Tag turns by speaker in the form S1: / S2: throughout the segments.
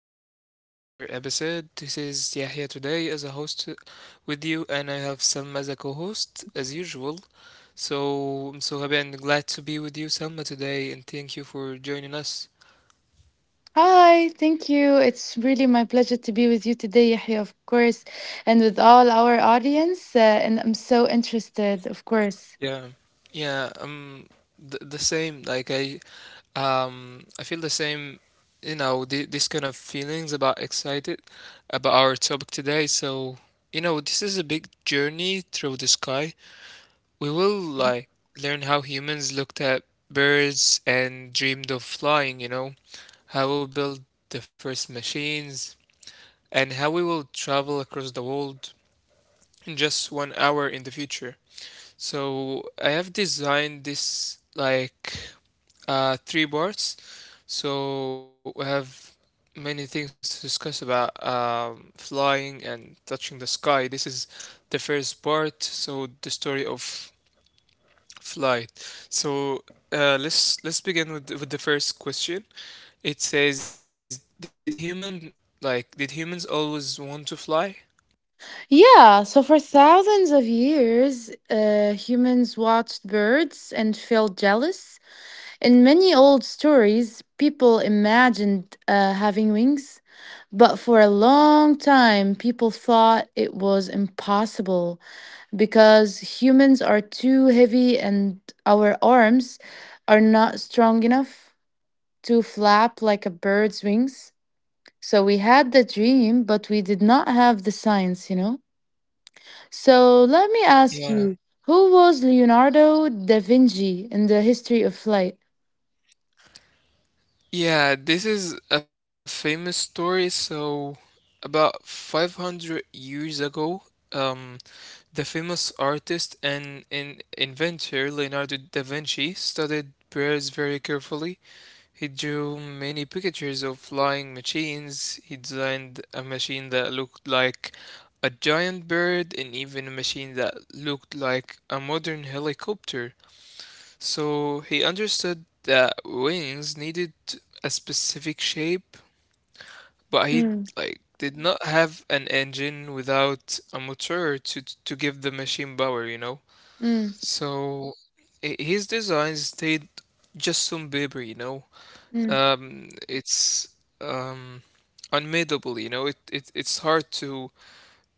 S1: welcome back to another episode. This is Yahya today as a host with you, and I have Selma as a co host as usual. So I'm so happy and glad to be with you, Selma, today, and thank you for joining us.
S2: Hi, thank you. It's really my pleasure to be with you today, Yahya, of course, and with all our audience. And I'm so interested, of course.
S1: Yeah, yeah, the same, like I feel the same, this kind of feelings about excited about our topic today. So, this is a big journey through the sky. We will like learn how humans looked at birds and dreamed of flying, how we built the first machines, and how we will travel across the world in just one hour in the future. So I have designed this like three parts. So we have many things to discuss about flying and touching the sky. This is the first part, so the story of flight. So let's begin with with the first question. It says, Did humans always want to fly?"
S2: Yeah, so for thousands of years, humans watched birds and felt jealous. In many old stories, people imagined having wings, but for a long time, people thought it was impossible. Because humans are too heavy and our arms are not strong enough to flap like a bird's wings. So we had the dream, but we did not have the science, you know? So let me ask
S1: Yeah.
S2: you, who was Leonardo da Vinci in the history of flight?
S1: Yeah, this is a famous story. So about 500 years ago, um, the famous artist and inventor Leonardo da Vinci studied birds very carefully. He drew many pictures of flying machines. He designed a machine that looked like a giant bird and even a machine that looked like a modern helicopter. So he understood that wings needed a specific shape, but he
S2: Mm,
S1: like did not have an engine without a motor to give the machine power.
S2: mm,
S1: So his designs stayed just on paper, you know
S2: mm,
S1: it's um, unmidable. You know. It's hard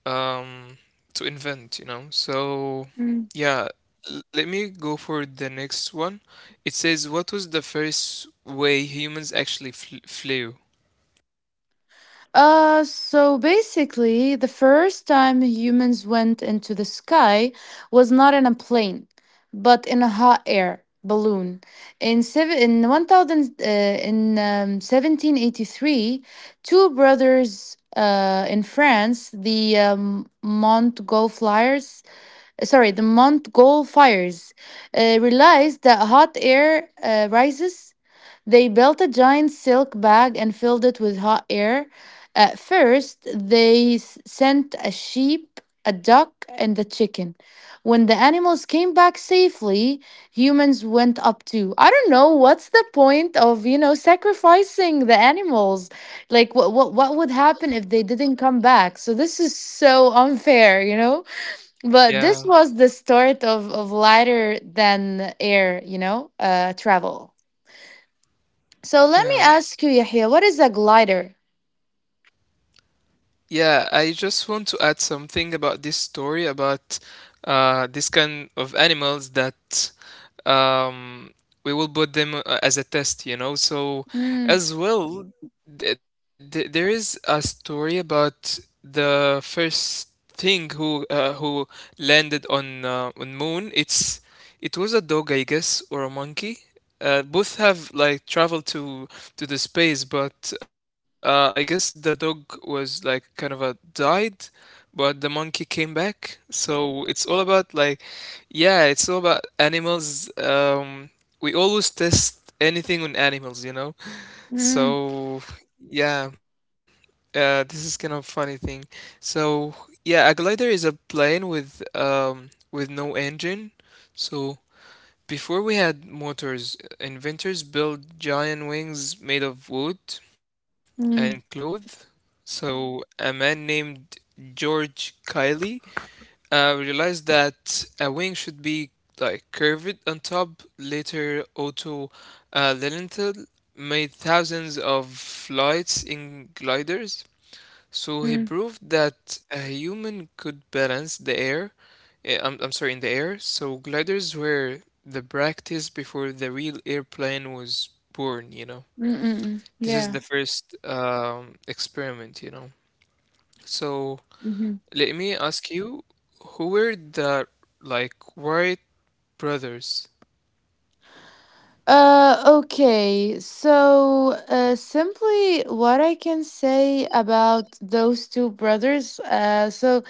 S1: um, to invent. So
S2: mm.
S1: yeah, let me go for the next one. It says, "What was the first way humans actually fl flew?"
S2: So basically, the first time humans went into the sky was not in a plane, but in a hot air balloon. In seven, in 1,000, in 1783, two brothers, in France, the Montgolfiers, Flyers, sorry, the Montgolfiers, realized that hot air rises. They built a giant silk bag and filled it with hot air. At first, they sent a sheep, a duck, and a chicken. When the animals came back safely, humans went up too. I don't know what's the point of, sacrificing the animals. Like what would happen if they didn't come back? So this is so unfair, you know? But this
S1: Yeah,
S2: was the start of lighter than air travel. So let me
S1: yeah.
S2: ask you, Yahya, what is a glider?
S1: Yeah, I just want to add something about this story about this kind of animals that um, we will put them as a test. So,
S2: Mm,
S1: as well, th th there is a story about the first thing who landed on moon. It was a dog, I guess, or a monkey. Both have like traveled to the space, but I guess the dog was like kind of a died, but the monkey came back. So it's all about like, yeah, it's all about animals. We always test anything on animals.
S2: mm,
S1: So yeah, this is kind of funny thing. So yeah, a glider is a plane with no engine. So before we had motors, inventors built giant wings made of wood and
S2: mm, mm,
S1: cloth. So a man named George Kiley realized that a wing should be like curved on top. Later, Otto Lilienthal made thousands of flights in gliders. So
S2: mm,
S1: he
S2: mm,
S1: proved that a human could balance the air, I'm sorry, in the air. So gliders were the practice before the real airplane was born.
S2: mm.
S1: This is
S2: Yeah.
S1: the first experiment. So
S2: Hmm.
S1: let me ask you, who were the like Wright brothers?
S2: Okay. So, simply what I can say about those two brothers, so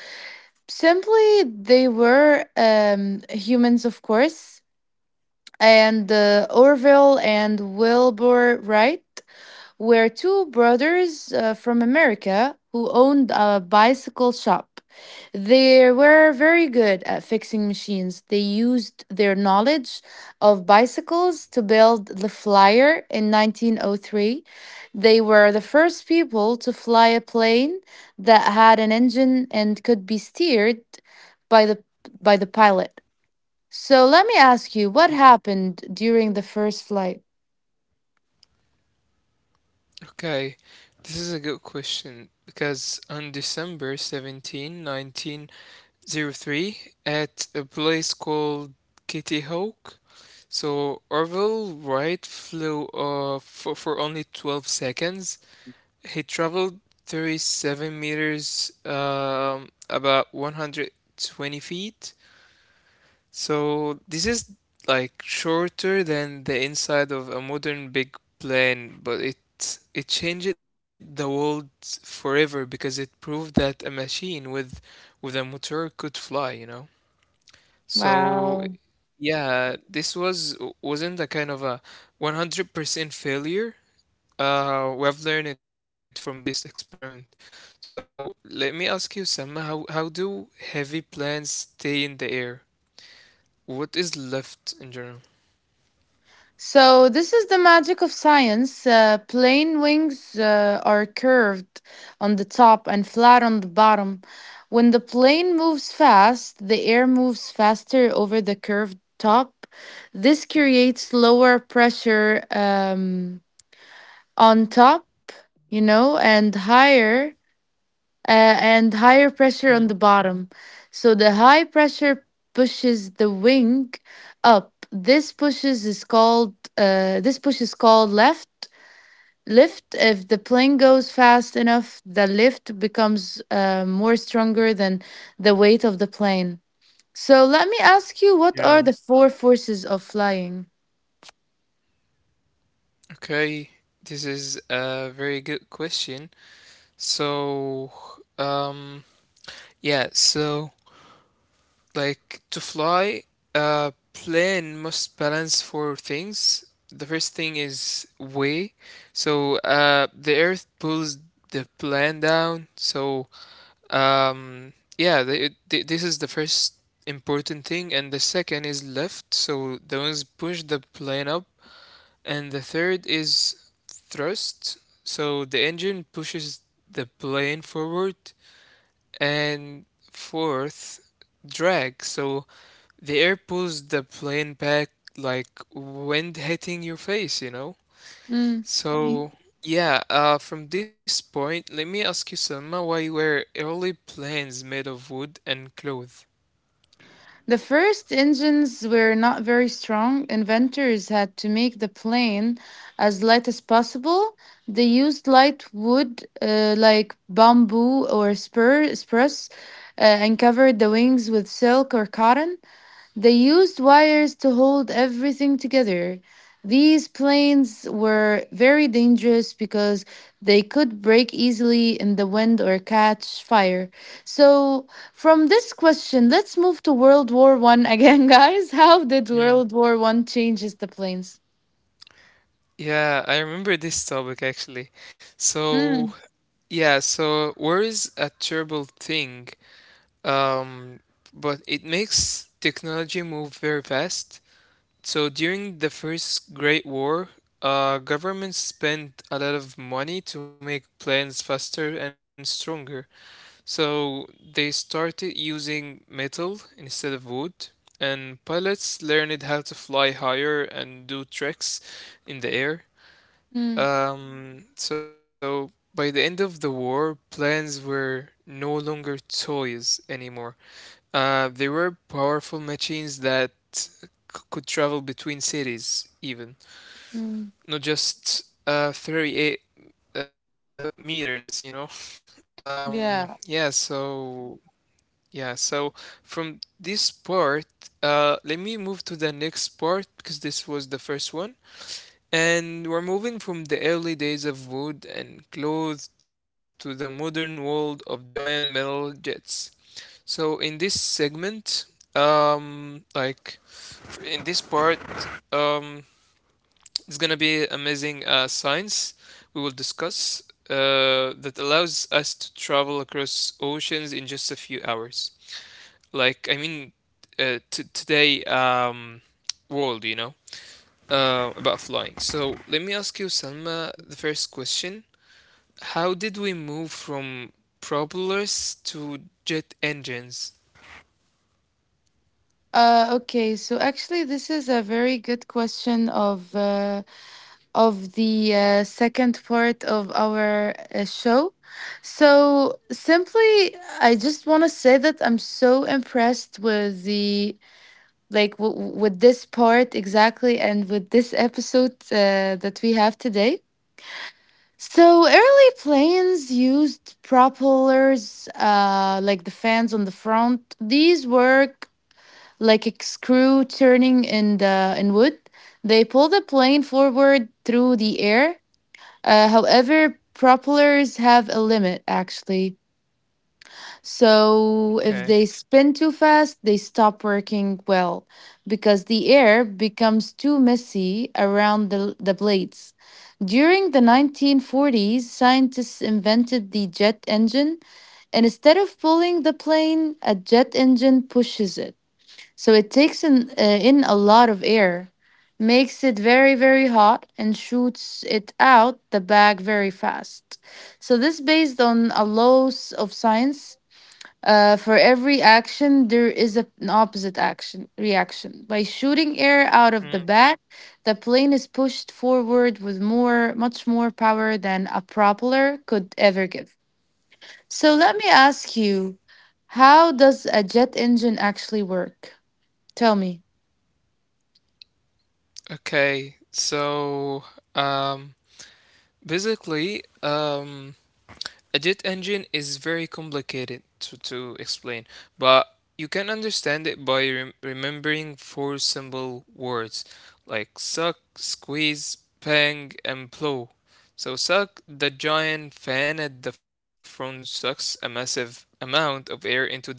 S2: simply they were humans, of course, and Orville and Wilbur Wright were two brothers from America who owned a bicycle shop. They were very good at fixing machines. They used their knowledge of bicycles to build the Flyer in 1903. They were the first people to fly a plane that had an engine and could be steered by the by the pilot. So let me ask you, what happened during the first flight?
S1: Okay, this is a good question because on December 17, '03, at a place called Kitty Hawk. So Orville Wright flew for only 12 seconds. He traveled 37 meters, about 120 feet. So this is like shorter than the inside of a modern big plane, but it changed the world forever because it proved that a machine with a motor could fly. So
S2: Wow.
S1: yeah, this wasn't a kind of a 100% failure. We have learned it from this experiment. So let me ask you, Sam, how do heavy plants stay in the air? What is left in general?
S2: So, this is the magic of science. Plane wings are curved on the top and flat on the bottom. When the plane moves fast, the air moves faster over the curved top. This creates lower pressure on top, and higher
S1: Mhm.
S2: pressure on the bottom. So the high pressure pushes the wing up. This push is called left lift. If the plane goes fast enough, the lift becomes more stronger than the weight of the plane. So let me ask you, what
S1: Yeah.
S2: are the four forces of flying?
S1: Okay, this is a very good question. So, um, yeah, so. Like to fly, a plane must balance four things. The first thing is weight. So the Earth pulls the plane down. So um, yeah, the, th this is the first important thing, and the second is lift. So the wings push the plane up, and the third is thrust. So the engine pushes the plane forward, and fourth drag. So the air pulls the plane back like wind hitting your face.
S2: Mm.
S1: So, yeah, from this point, let me ask you, Selma, why were early planes made of wood and cloth?
S2: The first engines were not very strong. Inventors had to make the plane as light as possible. They used light wood like bamboo or spruce and covered the wings with silk or cotton. They used wires to hold everything together. These planes were very dangerous because they could break easily in the wind or catch fire. So, from this question, let's move to World War One again, guys. How did
S1: Hmm.
S2: World War One changes the planes?
S1: Yeah, I remember this topic actually. So,
S2: Mm,
S1: yeah, so war is a terrible thing, um, but it makes technology move very fast. So during the First Great War, governments spent a lot of money to make planes faster and stronger. So they started using metal instead of wood, and pilots learned how to fly higher and do tricks in the air.
S2: mm,
S1: So by the end of the war, planes were no longer toys anymore. They were powerful machines that could travel between cities, even
S2: mm.
S1: not just 38 meters. Yeah,
S2: Yeah.
S1: so yeah, so from this part let me move to the next part because this was the first one. And we're moving from the early days of wood and cloth to the modern world of giant metal jets. So in this segment, like in this part, um, it's gonna be amazing science we will discuss that allows us to travel across oceans in just a few hours. Like, I mean, today world, about flying. So let me ask you, Salma, the first question: How did we move from propellers to jet engines?
S2: Okay. So actually, this is a very good question. Of the second part of our show. So, simply, I just want to say that I'm so impressed with the like w- w- with this part exactly and with this episode that we have today. So, early planes used propellers, like the fans on the front. These work like a screw turning in wood. They pull the plane forward through the air. However, propellers have a limit actually. So if
S1: Okay.
S2: they spin too fast, they stop working well because the air becomes too messy around the blades. During the 1940s, scientists invented the jet engine, and instead of pulling the plane, a jet engine pushes it. So it takes in a lot of air, makes it very, very hot, and shoots it out the back very fast. So this based on a laws of science. For every action, there is an opposite action reaction. By shooting air out of the
S1: Mm.
S2: back, the plane is pushed forward with much more power than a propeller could ever give. So let me ask you, how does a jet engine actually work? Tell me.
S1: Okay. So, um, basically, a jet engine is very complicated to explain, but you can understand it by remembering four simple words like suck, squeeze, bang, and blow. So, suck, the giant fan at the front sucks a massive amount of air into the engine.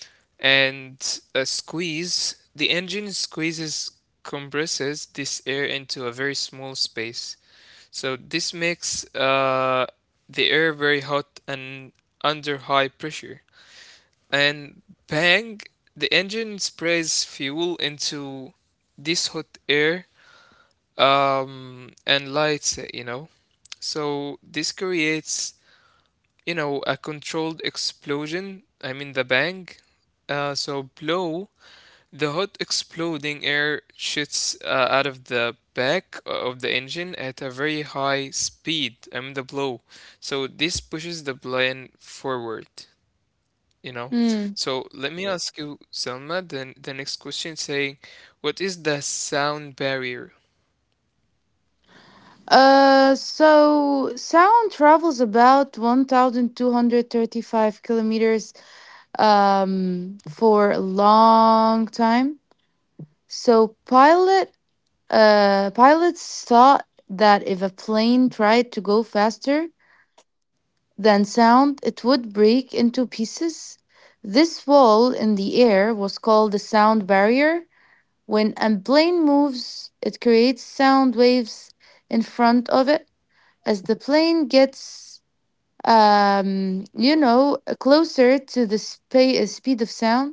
S1: And a squeeze, the engine squeezes, compresses this air into a very small space. So this makes the air very hot and under high pressure. And bang, the engine sprays fuel into this hot air and lights it. So this creates, a controlled explosion. I mean, the bang. So blow, the hot exploding air shoots out of the back of the engine at a very high speed. I mean the blow. So this pushes the plane forward, you know.
S2: Mm.
S1: So let me, yeah, ask you, Selma, then the next question saying, what is the sound barrier?
S2: So sound travels about 1,235 kilometers for a long time. So pilots thought that if a plane tried to go faster than sound, it would break into pieces. This wall in the air was called the sound barrier. When a plane moves, it creates sound waves in front of it. As the plane gets, closer to the speed of sound,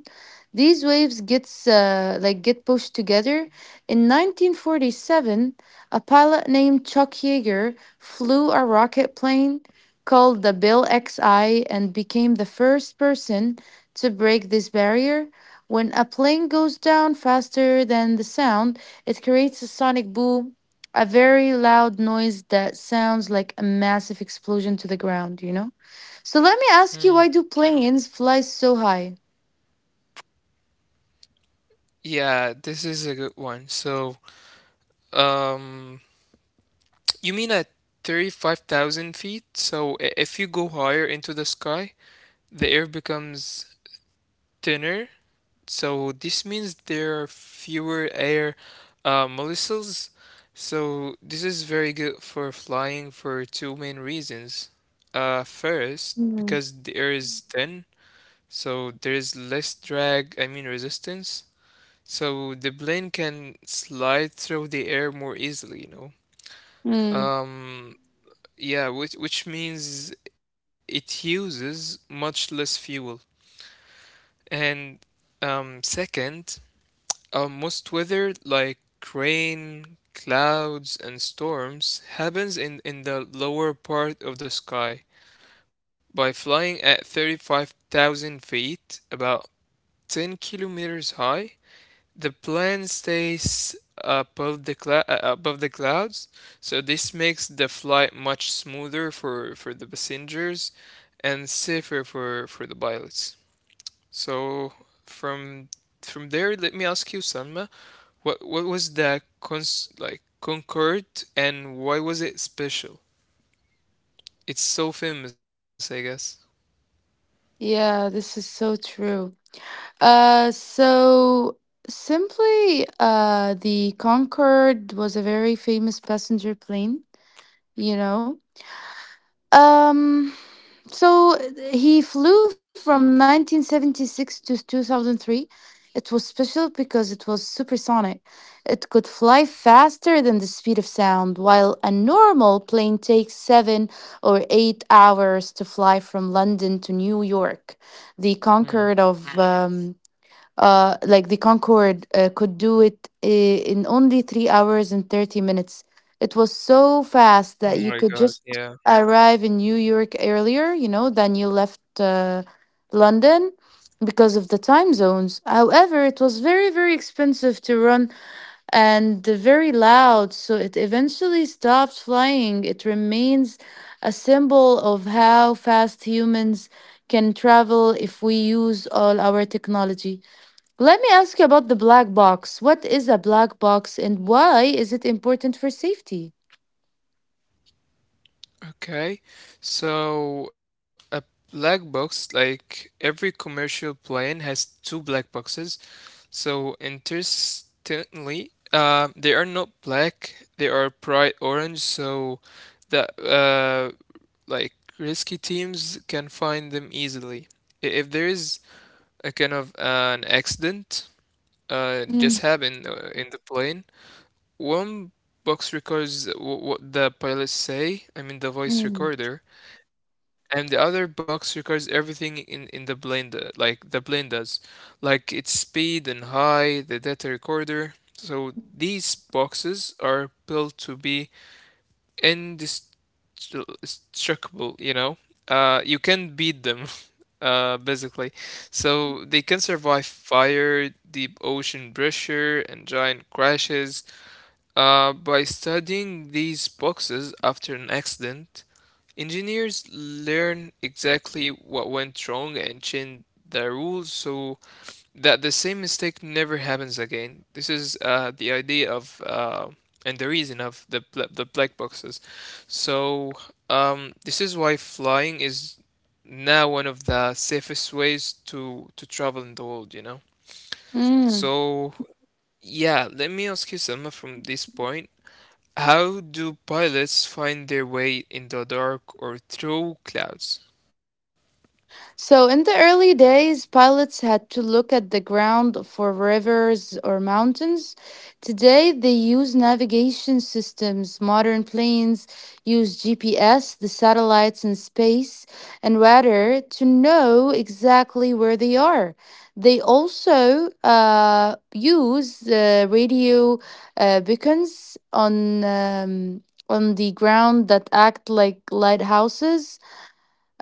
S2: these waves get pushed together. In 1947, a pilot named Chuck Yeager flew a rocket plane called the Bill XI and became the first person to break this barrier. When a plane goes down faster than the sound, it creates a sonic boom, a very loud noise that sounds like a massive explosion to the ground, you know? So let me ask you,
S1: Hmm.
S2: why do planes fly so high?
S1: Yeah, this is a good one. So, um, you mean at 35,000 feet? So if you go higher into the sky, the air becomes thinner. So this means there are fewer air molecules. So this is very good for flying for two main reasons. First,
S2: Mm.
S1: because the air is thin, so there is less drag, I mean resistance. So the plane can slide through the air more easily, know.
S2: Mm,
S1: Um, yeah, which means it uses much less fuel. And second, most weather, like rain, clouds, and storms, happens in the lower part of the sky. By flying at 35,000 feet, about 10 kilometers high, the plane stays above above the clouds, so this makes the flight much smoother for the passengers and safer for the pilots. So, from from there, let me ask you, Salma. What was the cons like Concord, and why was it special? It's so famous, I guess.
S2: yeah, this is so true. So simply, the Concorde was a very famous passenger plane, you know? Um, So he flew from 1976 to 2003. It was special because it was supersonic. It could fly faster than the speed of sound, while a normal plane takes 7 or 8 hours to fly from London to New York. The
S1: Hmm.
S2: Concorde of um, the Concorde could do it in only 3 hours and 30 minutes. It was so fast that
S1: Oh
S2: you
S1: my
S2: could
S1: God,
S2: just
S1: yeah.
S2: arrive in New York earlier, than you left London because of the time zones. However, it was very, very expensive to run and very loud. So it eventually stopped flying. It remains a symbol of how fast humans can travel if we use all our technology. Let me ask you about the black box. What is a black box and why is it important for safety?
S1: Okay. So a black box, like every commercial plane has two black boxes. So interestingly, they are not black, they are bright orange, so the like risky teams can find them easily. If there is a kind of an accident
S2: Mm,
S1: just happened in the plane. One box records what the pilots say, I mean the voice
S2: mm,
S1: recorder, and the other box records everything in the plane, like the plane does, like its speed and high, the data recorder. So these boxes are built to be indestructible, you know? You can beat them, basically. So they can survive fire, deep ocean pressure, and giant crashes. By studying these boxes after an accident, engineers learn exactly what went wrong and change the rules so that the same mistake never happens again. This is the idea of and the reason of the black boxes. So this is why flying is now one of the safest ways to travel in the world. You know.
S2: mm.
S1: So yeah, let me ask you, Selma, from this point. How do pilots find their way in the dark or through clouds?
S2: So, in the early days, pilots had to look at the ground for rivers or mountains. Today, they use navigation systems. Modern planes use GPS, the satellites in space, and radar to know exactly where they are. They also use radio beacons on the ground that act like lighthouses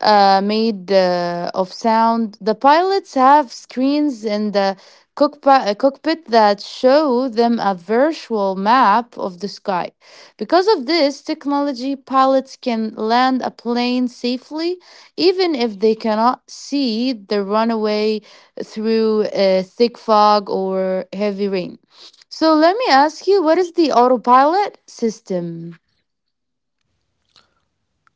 S2: made of sound. The pilots have screens in the cockpit that show them a virtual map of the sky. Because of this technology, pilots can land a plane safely, even if they cannot see the runway through a thick fog or heavy rain. So let me ask you, what is the autopilot system?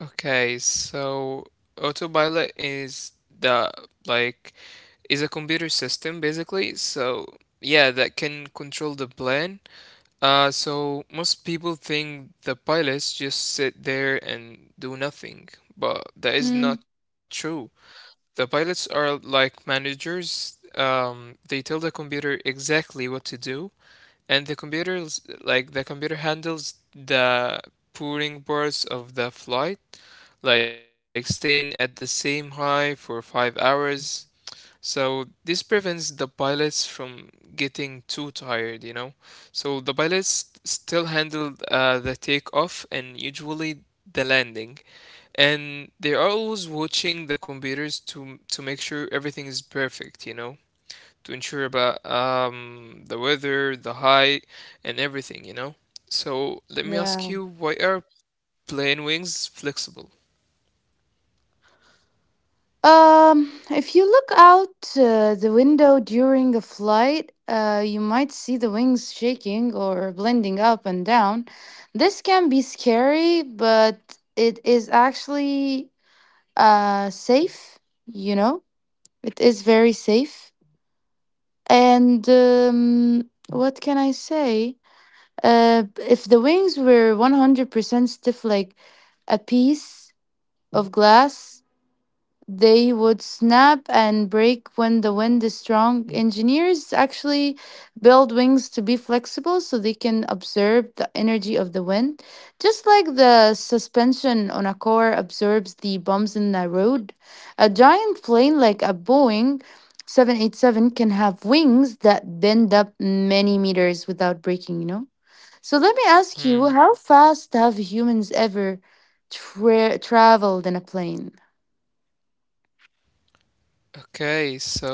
S1: Okay, so autopilot is the like is a computer system basically. So yeah, that can control the plane. So most people think the pilots just sit there and do nothing, but that
S2: Mm,
S1: is not true. The pilots are like managers. They tell the computer exactly what to do, and the computer handles the pouring parts of the flight like staying at the same high for 5 hours. So this prevents the pilots from getting too tired. So the pilots still handle the takeoff and usually the landing, and they are always watching the computers to make sure everything is perfect. To ensure about the weather, the height, and everything, you know? So let me ask
S2: yeah.
S1: you, why are plane wings flexible?
S2: If you look out the window during a flight, you might see the wings shaking or blending up and down. This can be scary, but it is actually safe, you know? It is very safe. And what can I say? If the wings were 100% stiff, like a piece of glass, they would snap and break when the wind is strong. Engineers actually build wings to be flexible so they can absorb the energy of the wind, just like the suspension on a car absorbs the bumps in the road. A giant plane like a Boeing 787 can have wings that bend up many meters without breaking, you know? So let me ask you,
S1: Hmm.
S2: how fast have humans ever traveled in a plane?
S1: Okay, so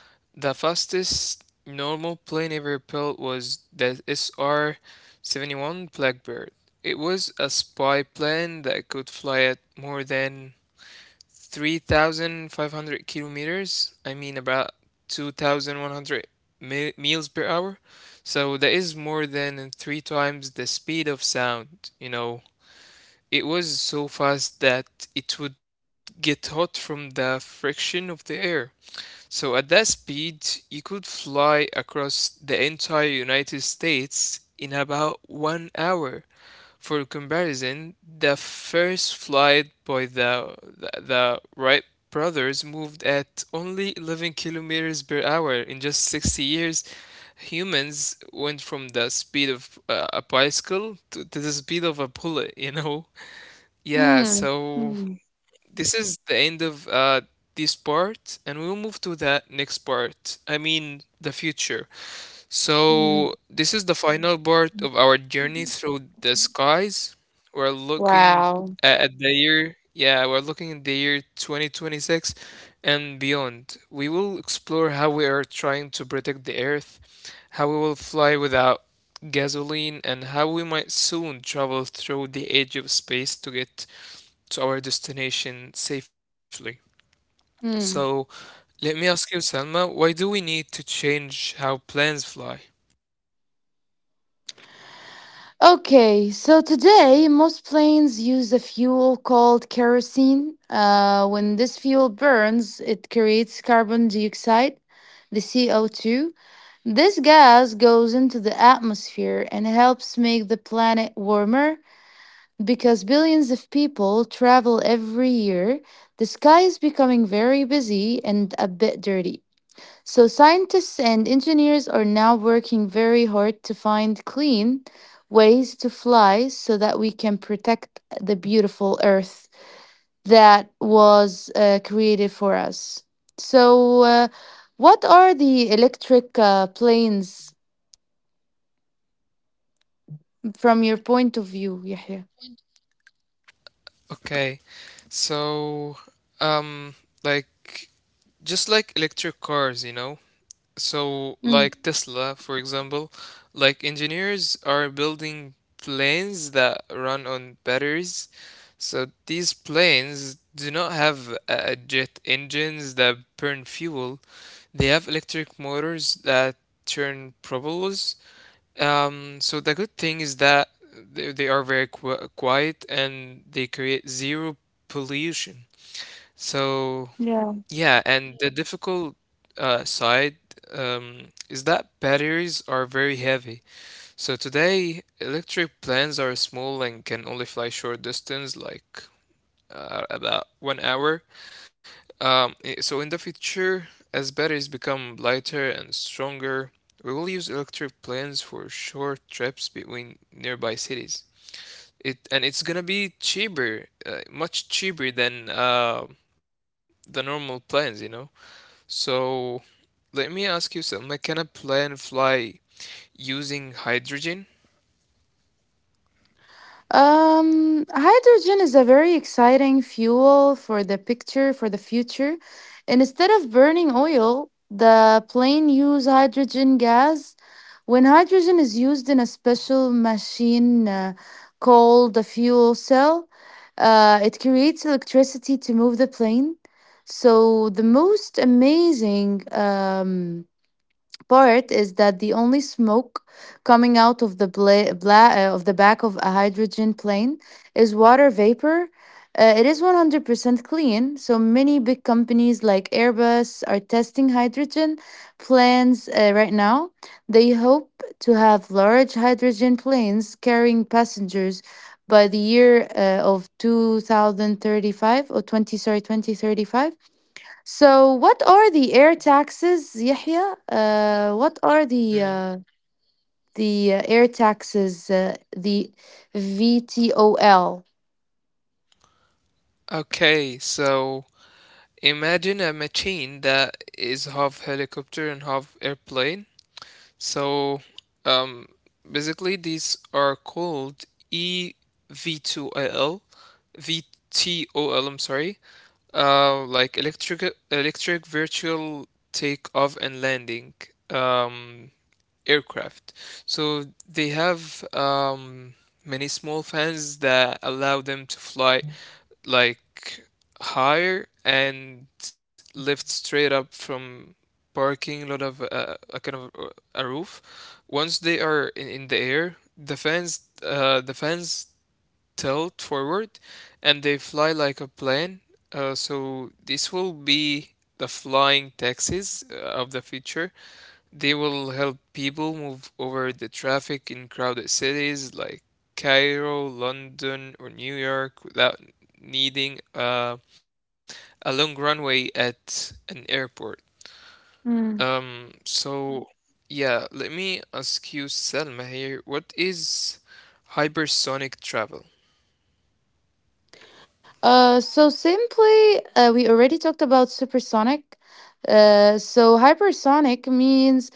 S1: the fastest normal plane ever built was the SR 71 Blackbird. It was a spy plane that could fly at more than 3,500 kilometers. I mean, about 2,100 miles per hour. So that is more than three times the speed of sound. You know, it was so fast that it would get hot from the friction of the air. So at that speed, you could fly across the entire United States in about one hour. For comparison, the first flight by the Wright brothers moved at only 11 kilometers per hour. In just 60 years, humans went from the speed of a bicycle to the speed of a bullet, you know? Yeah,
S2: Mm,
S1: so
S2: mm,
S1: this is the end of this part, and we'll move to the next part. I mean, the future.
S2: mm.
S1: So, this is the final part of our journey through the skies. We're looking
S2: Wow.
S1: a- at the year, Yeah, we're looking at the year 2026 and beyond. We will explore how we are trying to protect the Earth, how we will fly without gasoline, and how we might soon travel through the edge of space to get to our destination safely. So,
S2: Mm.
S1: let me ask you, Salma, why do we need to change how planes fly?
S2: Okay, so today most planes use a fuel called kerosene. When this fuel burns, it creates carbon dioxide, the CO2. This gas goes into the atmosphere and helps make the planet warmer because billions of people travel every year. The sky is becoming very busy and a bit dirty. So, scientists and engineers are now working very hard to find clean ways to fly so that we can protect the beautiful Earth that was created for us. So, what are the electric planes from your point of view, Yahya?
S1: Okay, so um, like just like electric cars. So like Tesla, for example, like engineers are building planes that run on batteries. So these planes do not have jet engines that burn fuel. They have electric motors that turn propellers. So the good thing is that they are very quiet and they create zero pollution. So yeah, and the difficult side is that batteries are very heavy. So today, electric planes are small and can only fly short distance, like about one hour. So in the future, as batteries become lighter and stronger, we will use electric planes for short trips between nearby cities. It's gonna be cheaper, much cheaper than the normal planes. So let me ask you something. Like, can a plane fly using hydrogen?
S2: Hydrogen is a very exciting fuel for the future. And instead of burning oil, the plane use hydrogen gas. When hydrogen is used in a special machine called a fuel cell, it creates electricity to move the plane. So the most amazing part is that the only smoke coming out of the back of a hydrogen plane is water vapor. It is 100% clean, so many big companies like Airbus are testing hydrogen plans right now. They hope to have large hydrogen planes carrying passengers by the year of 2035 or 20 sorry 2035. So, what are the air taxes, Yahya? What are the
S1: Mm.
S2: uh, the uh, air taxes? The VTOL.
S1: Okay, so imagine a machine that is half helicopter and half airplane. So, um, basically, these are called EV2L, am sorry, like electric virtual takeoff and landing. Um, Aircraft. So they have many small fans that allow them to fly like higher and lift straight up from parking lot of a kind of a roof. Once they are in the air, the fans tilt forward and they fly like a plane. So this will be the flying taxis of the future. They will help people move over the traffic in crowded cities like Cairo, London, or New York without needing a long runway at an airport. So, yeah, let me ask you, Selma, here, what is hypersonic travel?
S2: So simply, we already talked about supersonic. So hypersonic means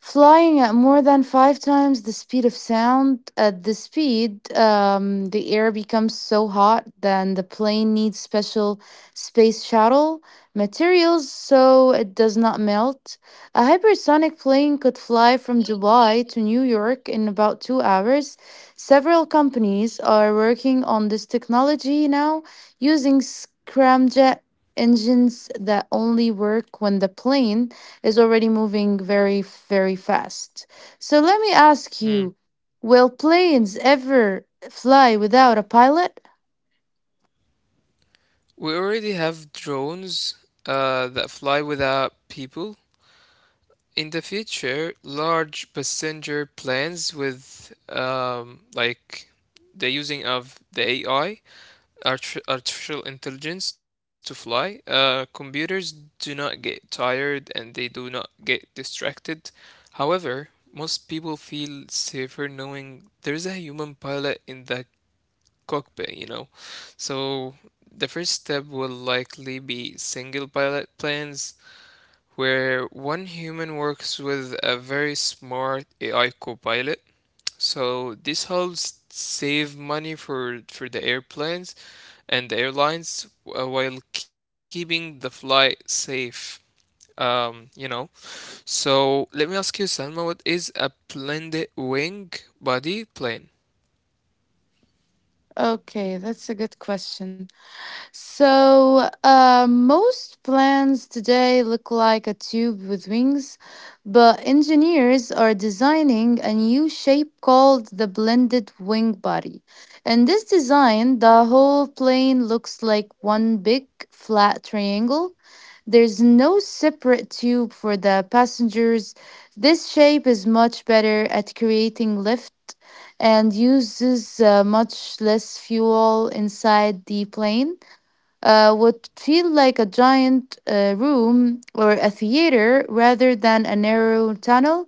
S2: flying at more than five times the speed of sound. At the speed, the air becomes so hot that the plane needs special space shuttle materials so it does not melt. A hypersonic plane could fly from Dubai to New York in about 2 hours. Several companies are working on this technology now using scramjet engines that only work when the plane is already moving very, very fast. So let me ask
S1: Hmm.
S2: you, will planes ever fly without a pilot?
S1: We already have drones that fly without people. In the future, large passenger planes with like the using of the AI, artificial intelligence to fly, computers do not get tired and they do not get distracted. However, most people feel safer knowing there is a human pilot in the cockpit. So the first step will likely be single pilot planes where one human works with a very smart AI copilot. So this helps save money for the airplanes and the airlines while keeping the flight safe. Um, you know. So let me ask you, Salma, what is a blended wing body plane?
S2: Okay, that's a good question. So, most planes today look like a tube with wings, but engineers are designing a new shape called the blended wing body. In this design, the whole plane looks like one big flat triangle. There's no separate tube for the passengers. This shape is much better at creating lift and uses much less fuel inside the plane. Would feel like a giant room or a theater rather than a narrow tunnel.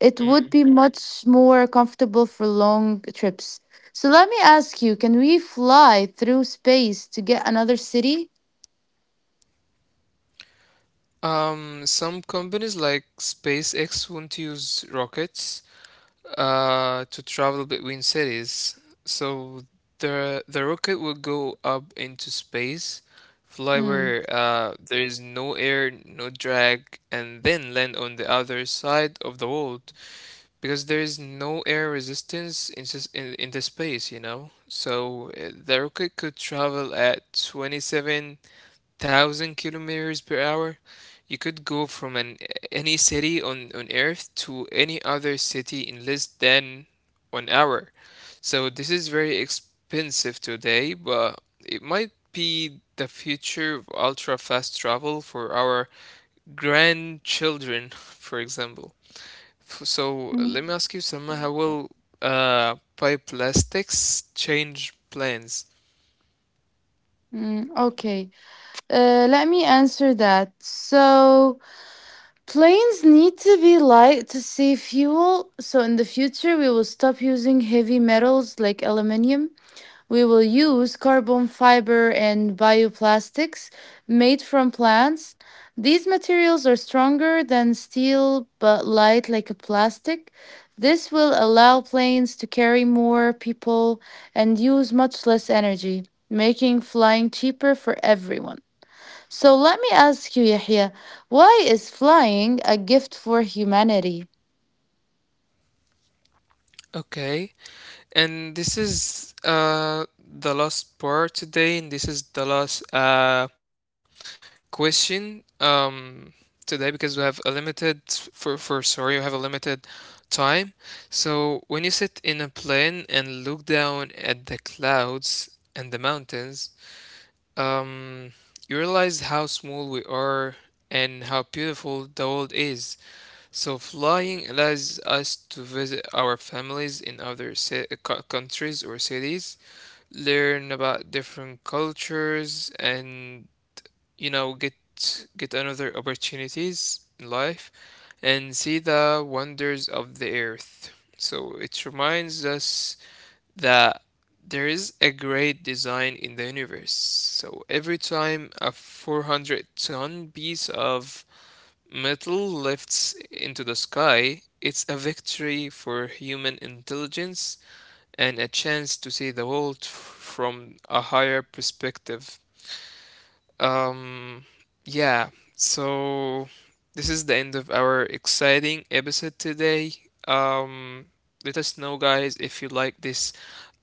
S2: It would be much more comfortable for long trips. So let me ask you, can we fly through space to get another city?
S1: Some companies like SpaceX won't use rockets. To travel between cities. So the rocket will go up into space, fly
S2: Hmm.
S1: where there is no air, no drag, and then land on the other side of the world because there is no air resistance in the space. So the rocket could travel at 27,000 kilometers per hour. You could go from an any city on Earth to any other city in less than one hour. So this is very expensive today, but it might be the future of ultra fast travel for our grandchildren, for example. So let me
S2: Mm,
S1: ask you, Sama, how will bioplastics change plans?
S2: mm, okay. Let me answer that. So, planes need to be light to save fuel. So, in the future, we will stop using heavy metals like aluminium. We will use carbon fiber and bioplastics made from plants. These materials are stronger than steel but light like a plastic. This will allow planes to carry more people and use much less energy, making flying cheaper for everyone. So let me ask you, Yahya, why is flying a gift for humanity?
S1: Okay. And this is the last part today, and this is the last question today because we have a limited time. So when you sit in a plane and look down at the clouds and the mountains, um, you realize how small we are and how beautiful the world is. So flying allows us to visit our families in other countries or cities, learn about different cultures, and you know get get another opportunities in life, and see the wonders of the earth. So it reminds us that there is a great design in the universe. So every time a 400-ton piece of metal lifts into the sky, it's a victory for human intelligence and a chance to see the world from a higher perspective. Um, yeah, so this is the end of our exciting episode today. Um, Let us know, guys, if you like this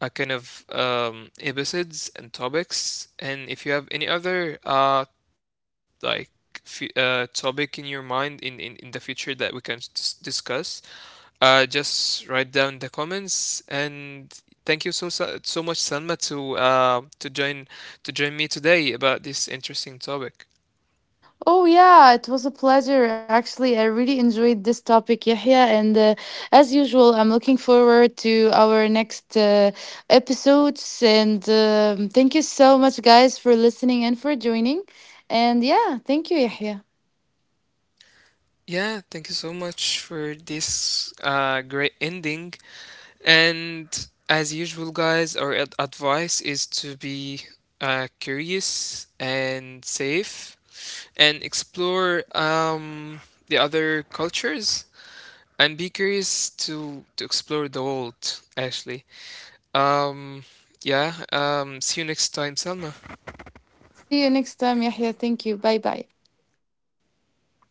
S1: kind of episodes and topics, and if you have any other like topic in your mind in the future that we can discuss. Just write down the comments and thank you so so so much, Salma, to join me today about this interesting topic.
S2: Oh, yeah, it was a pleasure. Actually, I really enjoyed this topic, Yahya. And as usual, I'm looking forward to our next episodes. And thank you so much, guys, for listening and for joining. And yeah, thank you, Yahya.
S1: Yeah, thank you so much for this great ending. And as usual, guys, our advice is to be curious and safe and explore the other cultures and be curious to explore the world, actually. Um, yeah. See you next time, Selma.
S2: See you next time, Yahya. Thank you. Bye bye.
S1: Bye.